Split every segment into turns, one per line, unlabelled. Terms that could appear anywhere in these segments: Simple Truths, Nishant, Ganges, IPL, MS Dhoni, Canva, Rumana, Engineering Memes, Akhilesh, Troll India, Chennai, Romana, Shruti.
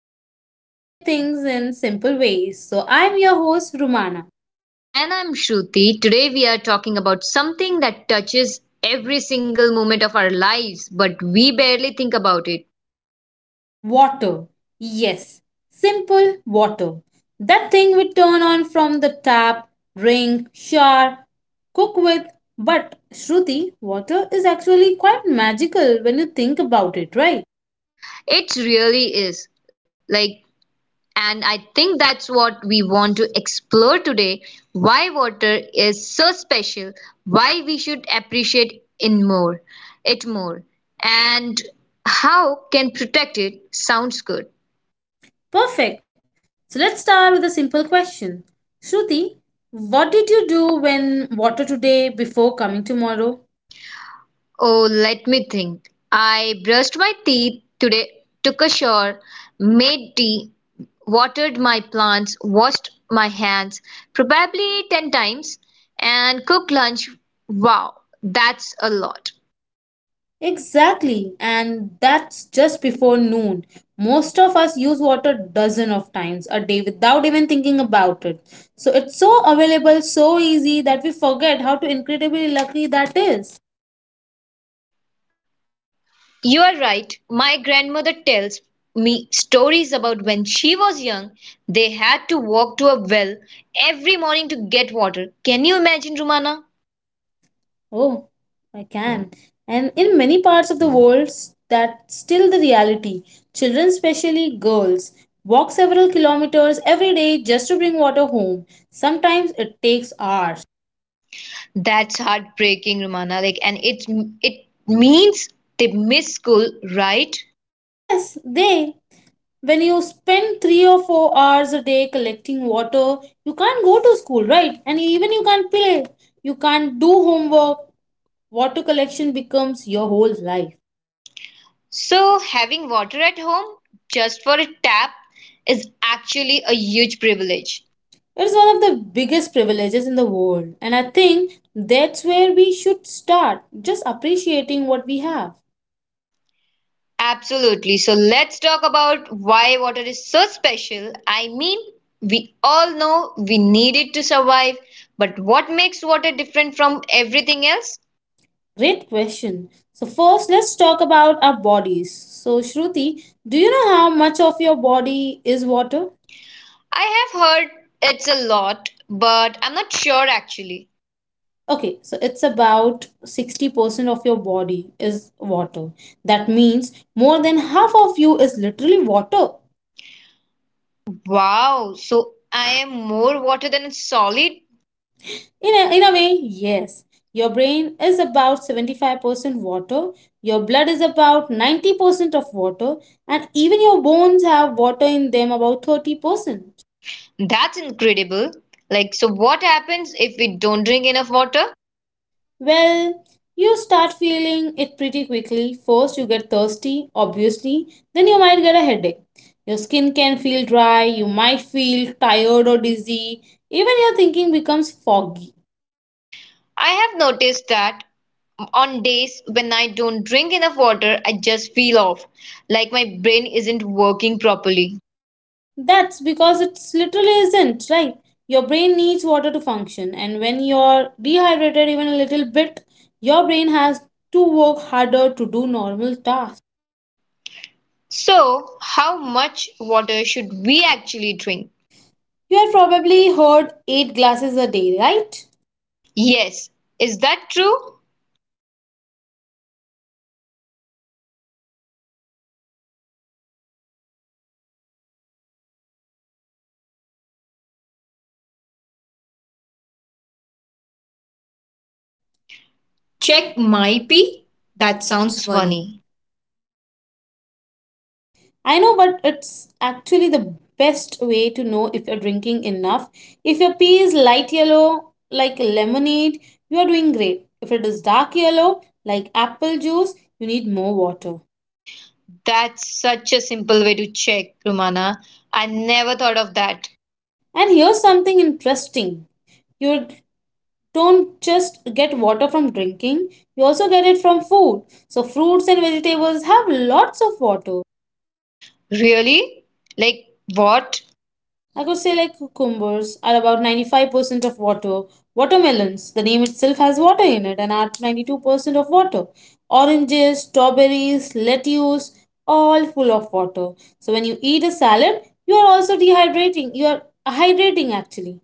about everyday things in simple ways. So, I'm your host, Rumana.
And I'm Shruti. Today we are talking about something that touches every single moment of our lives, but we barely think about it.
Water. Yes, simple water. That thing we turn on from the tap, drink, shower, cook with. But, Shruti, water is actually quite magical when you think about it, right?
It really is. Like, and I think that's what we want to explore today, why water is so special, why we should appreciate in more, it more, and how can protect it. Sounds good.
Perfect. So let's start with a simple question. Shruti, what did you do when water today before coming tomorrow?
Oh, let me think. I brushed my teeth today, took a shower, made tea, watered my plants, washed my hands probably 10 times, and cooked lunch. Wow, that's a lot.
Exactly, and that's just before noon. Most of us use water dozen of times a day without even thinking about it. So it's so available, so easy that we forget how to incredibly lucky that is.
You are right. My grandmother tells me stories about when she was young, they had to walk to a well every morning to get water. Can you imagine, Rumana?
Oh, I can. And in many parts of the world, that's still the reality. Children, especially girls, walk several kilometers every day just to bring water home. Sometimes it takes hours.
That's heartbreaking, Romana. Like, and it means they miss school, right?
Yes, they. When you spend 3 or 4 hours a day collecting water, you can't go to school, right? And even you can't play. You can't do homework. Water collection becomes your whole life.
So having water at home just for a tap is actually a huge privilege.
It is one of the biggest privileges in the world, and I think that's where we should start just appreciating what we have.
Absolutely. So let's talk about why water is so special. I mean, we all know we need it to survive, but what makes water different from everything else?
Great question. So, first, let's talk about our bodies. So, Shruti, do you know how much of your body is water?
I have heard it's a lot, but I'm not sure actually.
Okay, so it's about 60% of your body is water. That means more than half of you is literally water.
Wow, so I am more water than solid?
In a way, yes. Your brain is about 75% water, your blood is about 90% of water, and even your bones have water in them about 30%.
That's incredible. So what happens if we don't drink enough water?
Well, you start feeling it pretty quickly. First, you get thirsty, obviously, then you might get a headache. Your skin can feel dry, you might feel tired or dizzy, even your thinking becomes foggy.
I have noticed that on days when I don't drink enough water, I just feel off, like my brain isn't working properly.
That's because it's literally isn't, right? Your brain needs water to function, and when you're dehydrated even a little bit, your brain has to work harder to do normal tasks.
So, how much water should we actually drink?
You have probably heard 8 glasses a day, right?
Yes, is that true?
Check
Check
my
my
pee?
pee?
That
That
sounds
sounds
funny.
funny.
I know, but it's actually the best way to know if you're drinking enough. If your pee is light yellow, like lemonade, you are doing great. If it is dark yellow, like apple juice, you need more water.
That's such a simple way to check, Rumana. I never thought of that.
And here's something interesting you don't just get water from drinking, you also get it from food. So, fruits and vegetables have lots of water.
Really? Like what?
I could say like cucumbers are about 95% of water. Watermelons, the name itself has water in it and are 92% of water. Oranges, strawberries, lettuce, all full of water. So when you eat a salad, you are also dehydrating. You are hydrating actually.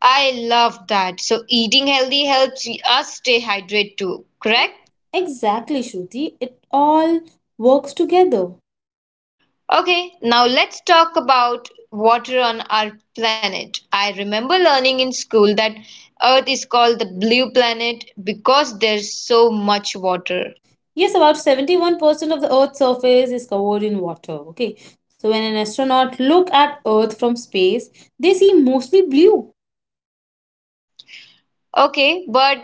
I love that. So eating healthy helps us stay hydrated too, correct?
Correct? Exactly, Shruti. It all works together.
Okay, now let's talk about water on our planet. I remember learning in school that Earth is called the blue planet because there's so much water.
Yes, about 71% of the Earth's surface is covered in water. Okay. So when an astronaut look at Earth from space, they see mostly blue.
Okay, but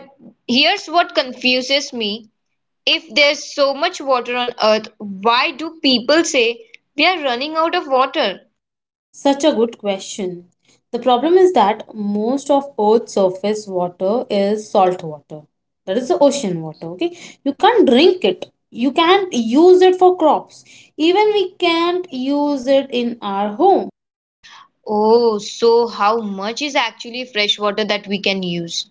here's what confuses me. If there's so much water on Earth, why do people say we are running out of water?
Such a good question. The problem is that most of Earth's surface water is salt water. That is the ocean water, okay? You can't drink it. You can't use it for crops. Even we can't use it in our home.
Oh, so how much is actually fresh water that we can use?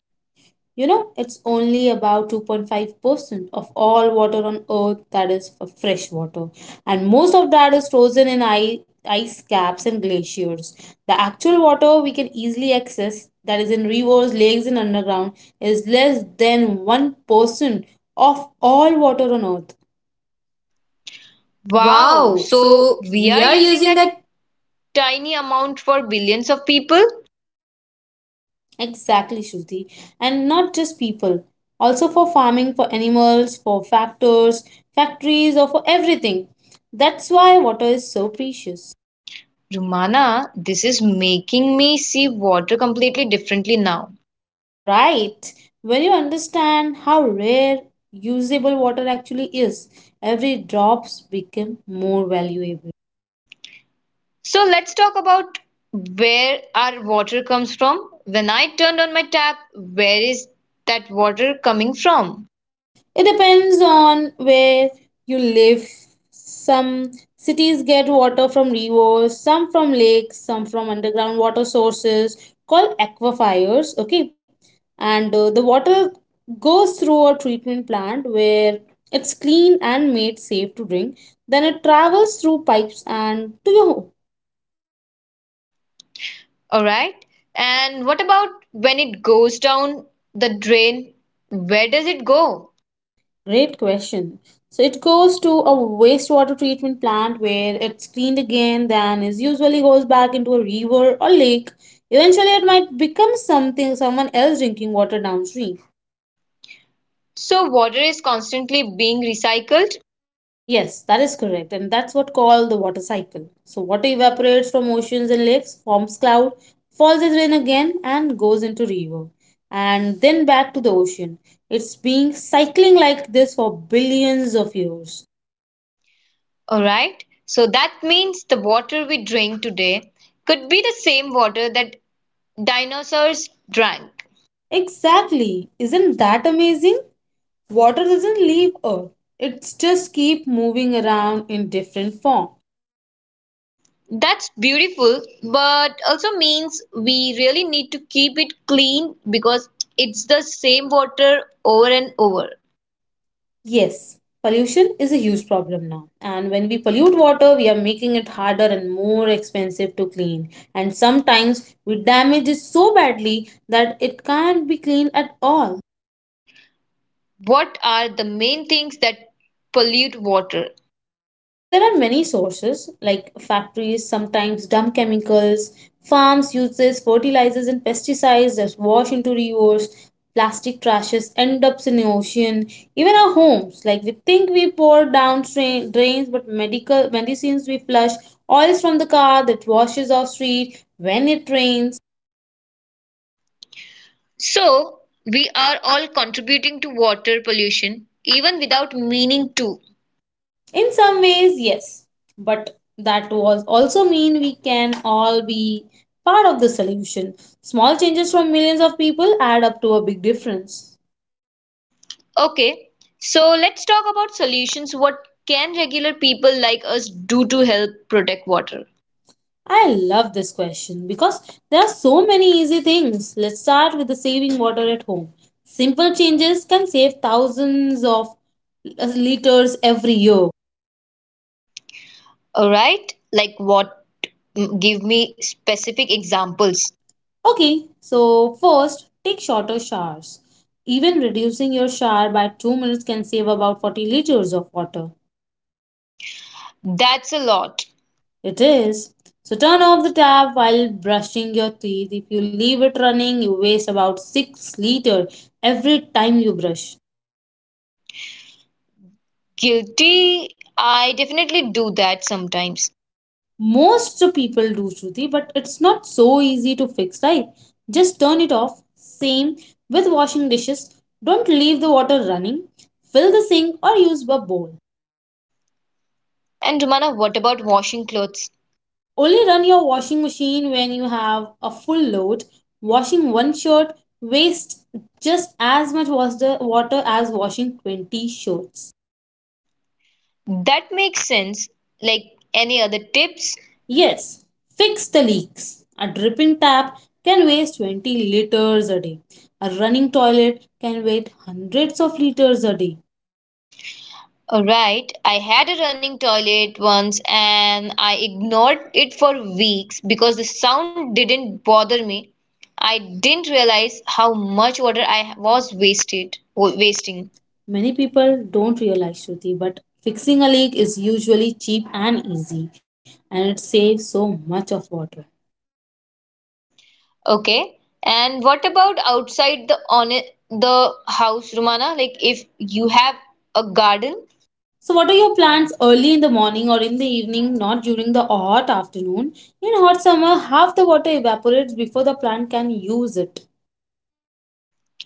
You know, it's only about 2.5% of all water on earth that is for fresh water, and most of that is frozen in ice, ice caps and glaciers. The actual water we can easily access, that is in rivers, lakes, and underground, is less than 1% of all water on earth.
Wow,
Wow,
so
so
we
we
are
are
using
using
that
that.
tiny amount for billions of people?
Exactly, Shruti. And not just people, also for farming, for animals, for factors, factories, or for everything. That's why water is so precious.
Rumana, this is making me see water completely differently now.
Right. When you understand how rare usable water actually is, every drops become more valuable.
So let's talk about where our water comes from. When I turned on my tap, where is that water coming from?
It depends on where you live. Some cities get water from rivers, some from lakes, some from underground water sources called aquifers. Okay, and the water goes through a treatment plant where it's clean and made safe to drink. Then it travels through pipes and to your home.
All right. And what about when it goes down the drain? Where does it go?
Great question. So it goes to a wastewater treatment plant where it's cleaned again, then is usually goes back into a river or lake. Eventually, it might become something someone else drinking water downstream.
So, water is constantly being recycled.
Yes, that is correct, and that's what called the water cycle. So water evaporates from oceans and lakes, forms cloud, falls as rain again, and goes into river, and then back to the ocean. It's been cycling like this for billions of years.
All right. So, that means the water we drink today could be the same water that dinosaurs drank.
Exactly. Isn't that amazing? Water doesn't leave Earth. It just keep moving around in different form.
That's beautiful, but also means we really need to keep it clean because it's the same water over and over.
Yes, pollution is a huge problem now. And when we pollute water, we are making it harder and more expensive to clean. And sometimes we damage it so badly that it can't be cleaned at all.
What are the main things that pollute water?
So there are many sources like factories sometimes dump chemicals, farms uses fertilizers and pesticides that wash into rivers, plastic trashes end up in the ocean, even our homes like we think we pour down drain, drains but medical medicines we flush, oils from the car that washes our street when it rains.
So, we are all contributing to water pollution even without meaning to.
In some ways, yes, but that was also mean we can all be part of the solution. Small changes from millions of people add up to a big difference.
Okay, so let's talk about solutions. What can regular people like us do to help protect water?
I love this question because there are so many easy things. Let's start with the saving water at home. Simple changes can save thousands of liters every year.
All right, like what? Give me specific examples.
Okay, so first, take shorter showers. Even reducing your shower by 2 minutes can save about 40 liters of water.
That's a lot.
It is. So turn off the tap while brushing your teeth. If you leave it running, you waste about 6-liter every time you brush.
Guilty, I definitely do that sometimes.
Most people do Shruti, but it's not so easy to fix, right? Just turn it off. Same with washing dishes. Don't leave the water running. Fill the sink or use a bowl.
And Rumana, what about washing clothes?
Only run your washing machine when you have a full load. Washing one shirt wastes just as much was the water as washing 20 shirts.
That makes sense. Like any other tips?
Yes, fix the leaks. A dripping tap can waste 20 liters a day. A running toilet can waste hundreds of liters a day.
Alright, I had a running toilet once and I ignored it for weeks because the sound didn't bother me. I didn't realize how much water I was
Wasting.
wasting.
Many people don't realize Shruti, but fixing a leak is usually cheap and easy and it saves so much of water.
Okay. And what about outside the on the house, Rumana? Like if you have a garden,
So, what are your plans early in the morning or in the evening, not during the hot afternoon? In hot summer, half the water evaporates before the plant can use it.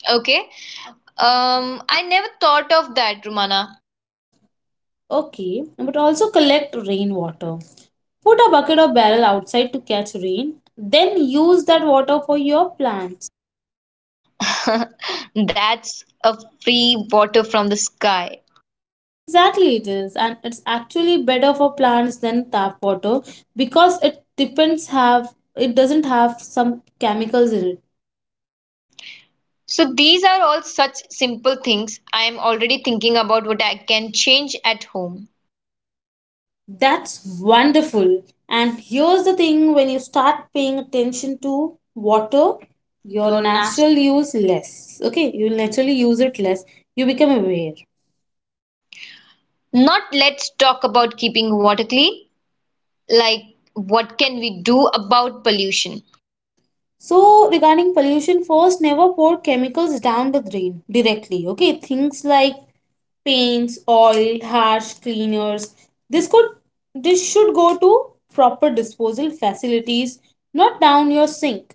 okay? I never thought of that, Rumana.
Okay, but also collect rainwater. Put a bucket or barrel outside to catch rain, then use that water for your plants.
That's a free water from the sky.
Exactly, it is, and it's actually better for plants than tap water because it depends have it doesn't have some chemicals in it.
So these are all such simple things. I am already thinking about what I can change at home.
That's wonderful. And here's the thing when you start paying attention to water, your
Your natural.
natural use less. Okay, you naturally use it less. You become aware.
Not let's talk about keeping water clean, like what can we do about pollution?
So, regarding pollution, first never pour chemicals down the drain directly. Okay, things like paints, oil, harsh cleaners. This could this should go to proper disposal facilities, not down your sink.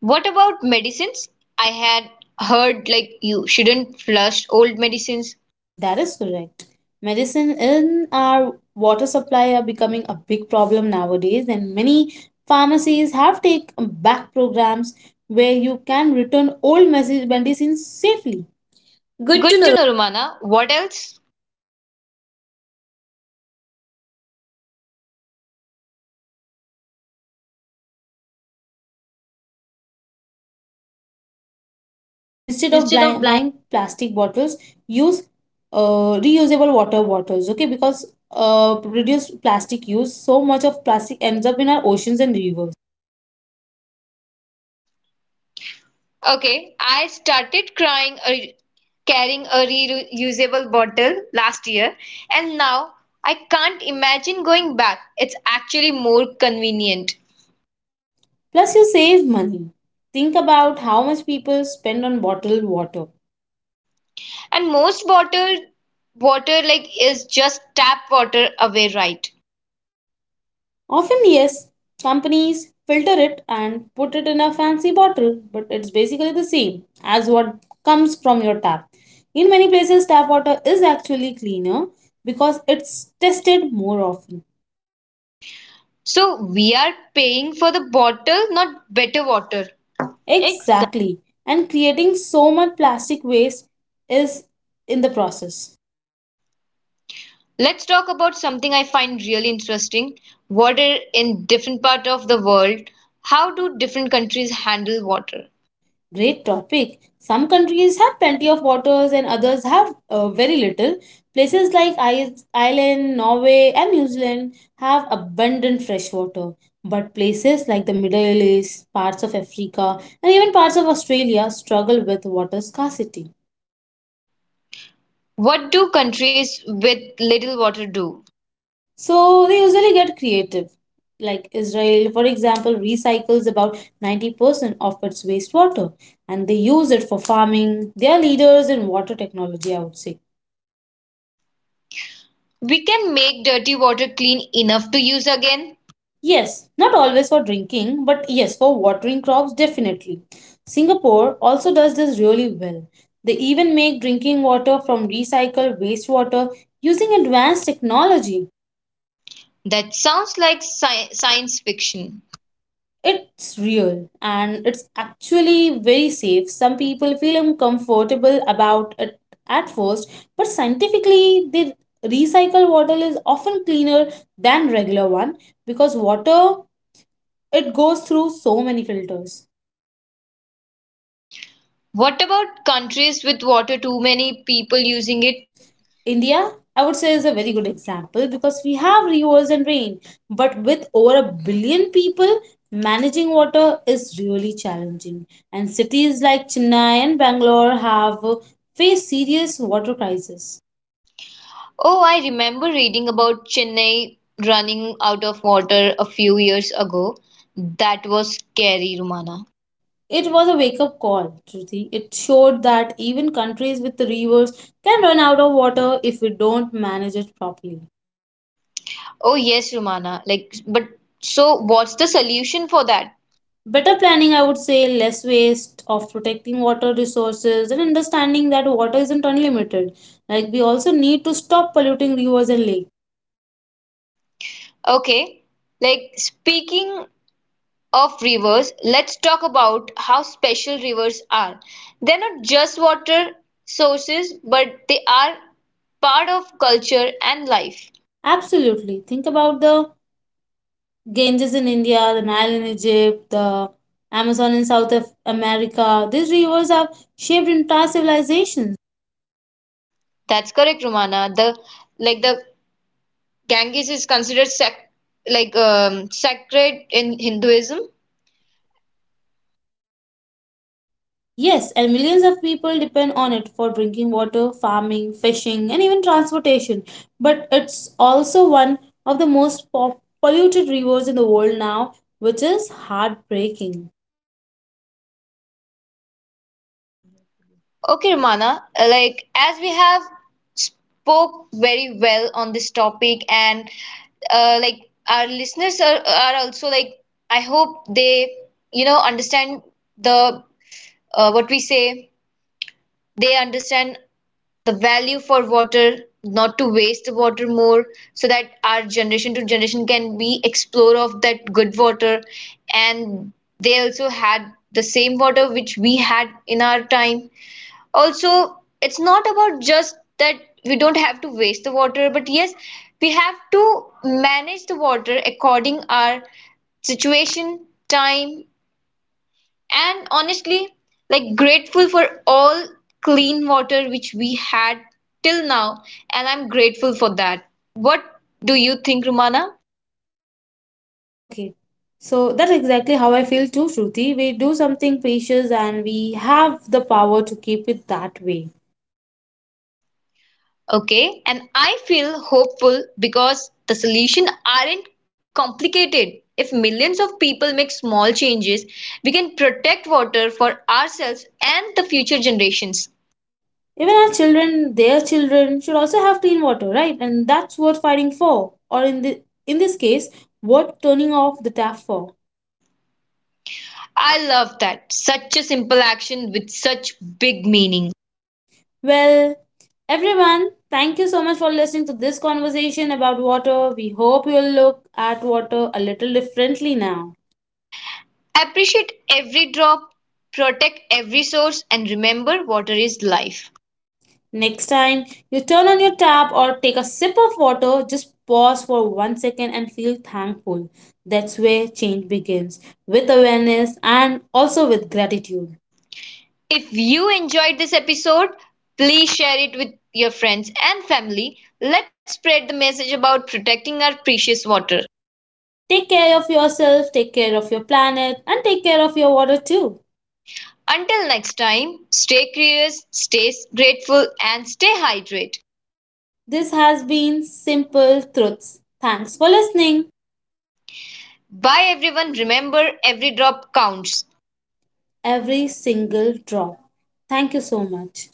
What about medicines? I had heard like you shouldn't flush old medicines.
That is correct. Medicine in our water supply are becoming a big problem nowadays, and many pharmacies have take back programs where you can return old message medicines safely. Good to
Good
know.
to know, Romana. What else?
Instead
Instead
of
of
blind,
blind.
buying plastic bottles, use reusable water bottles. Okay, because reduce plastic use. So much of plastic ends up in our oceans and rivers.
Okay, I carrying a reusable bottle last year, and now I can't imagine going back. It's actually more convenient.
Plus, you save money. Think about how much people spend on bottled water.
And most bottled water like is just tap water away, right?
Often, yes, companies filter it and put it in a fancy bottle, but it's basically the same as what comes from your tap. In many places, tap water is actually cleaner because it's tested more often.
So we are paying for the bottle, not better water. Exactly.
Exactly. And creating so much plastic waste is in the process.
Let's talk about something I find really interesting. Water in different part of the world. How do different countries handle water?
Great topic. Some countries have plenty of waters and others have very little. Places like Ireland, Norway, and New Zealand have abundant fresh water. But places like the Middle East, parts of Africa, and even parts of Australia struggle with water scarcity.
What do countries with little water do?
So they usually get creative. Like Israel, for example, recycles about 90% of its wastewater and they use it for farming. They are leaders in water technology, I would say.
We can make dirty water clean enough to use again.
Yes, not always for drinking, but yes, for watering crops, definitely. Singapore also does this really well. They even make drinking water from recycled wastewater using advanced technology.
That sounds like science fiction.
It's real and it's actually very safe. Some people feel uncomfortable about it at first, but scientifically, the recycled water is often cleaner than regular one because water it goes through so many filters.
What about countries with water too many people using it?
India, I would say, is a very good example because we have rivers and rain, but with over a billion people, managing water is really challenging. And cities like Chennai and Bangalore have faced serious water crises.
Oh, I remember reading about Chennai running out of water a few years ago. That was scary, Rumana.
It was a wake up call, Shruti. It showed that even countries with rivers can run out of water if we don't manage it properly.
Oh, yes, Rumana. But so what's the solution for that?
Better planning, I would say, less waste of protecting water resources and understanding that water isn't unlimited. Like, we also need to stop polluting rivers and lakes.
Okay, like speaking of rivers, let's talk about how special rivers are. They're not just water sources, but they are part of culture and life.
Absolutely. Think about the Ganges in India, the Nile in Egypt, the Amazon in South America. These rivers have shaped entire civilizations.
That's correct, Romana. The Ganges is considered sacred in Hinduism.
Yes, and millions of people depend on it for drinking water, farming, fishing, and even transportation. But it's also one of the most polluted rivers in the world now, which is heartbreaking.
Okay, Romana, like as we have spoke very well on this topic and like our listeners are also like I hope they understand the what we say, they understand the value for water, not to waste the water more, so that our generation to generation can be explore of that good water, and they also had the same water which we had in our time. Also it's not about just that we don't have to waste the water, but yes, we have to manage the water according our situation, time, and honestly, like grateful for all clean water which we had till now, and I'm grateful for that. What do you think, Rumana?
Okay, so that's exactly how I feel too, Shruti. We do something precious and we have the power to keep it that way.
Okay, and I feel hopeful because the solution aren't complicated. If millions of people make small changes, we can protect water for ourselves and the future generations.
Even our children, their children, should also have clean water, right? And that's worth fighting for, or in the in this case, worth turning off the tap for.
I love that. Such a simple action with such big meaning.
Well, everyone, thank you so much for listening to this conversation about water. We hope you'll look at water a little differently now.
Appreciate every drop, protect every source, and remember water is life.
Next time you turn on your tap or take a sip of water, just pause for one second and feel thankful. That's where change begins with awareness and also with gratitude.
If you enjoyed this episode, please share it with your friends and family. Let's spread the message about protecting our precious water.
Take care of yourself, take care of your planet, and take care of your water too.
Until next time, stay curious, stay grateful, and stay hydrated.
This has been Simple Truths. Thanks for listening.
Bye everyone. Remember, every drop counts.
Every single drop. Thank you so much.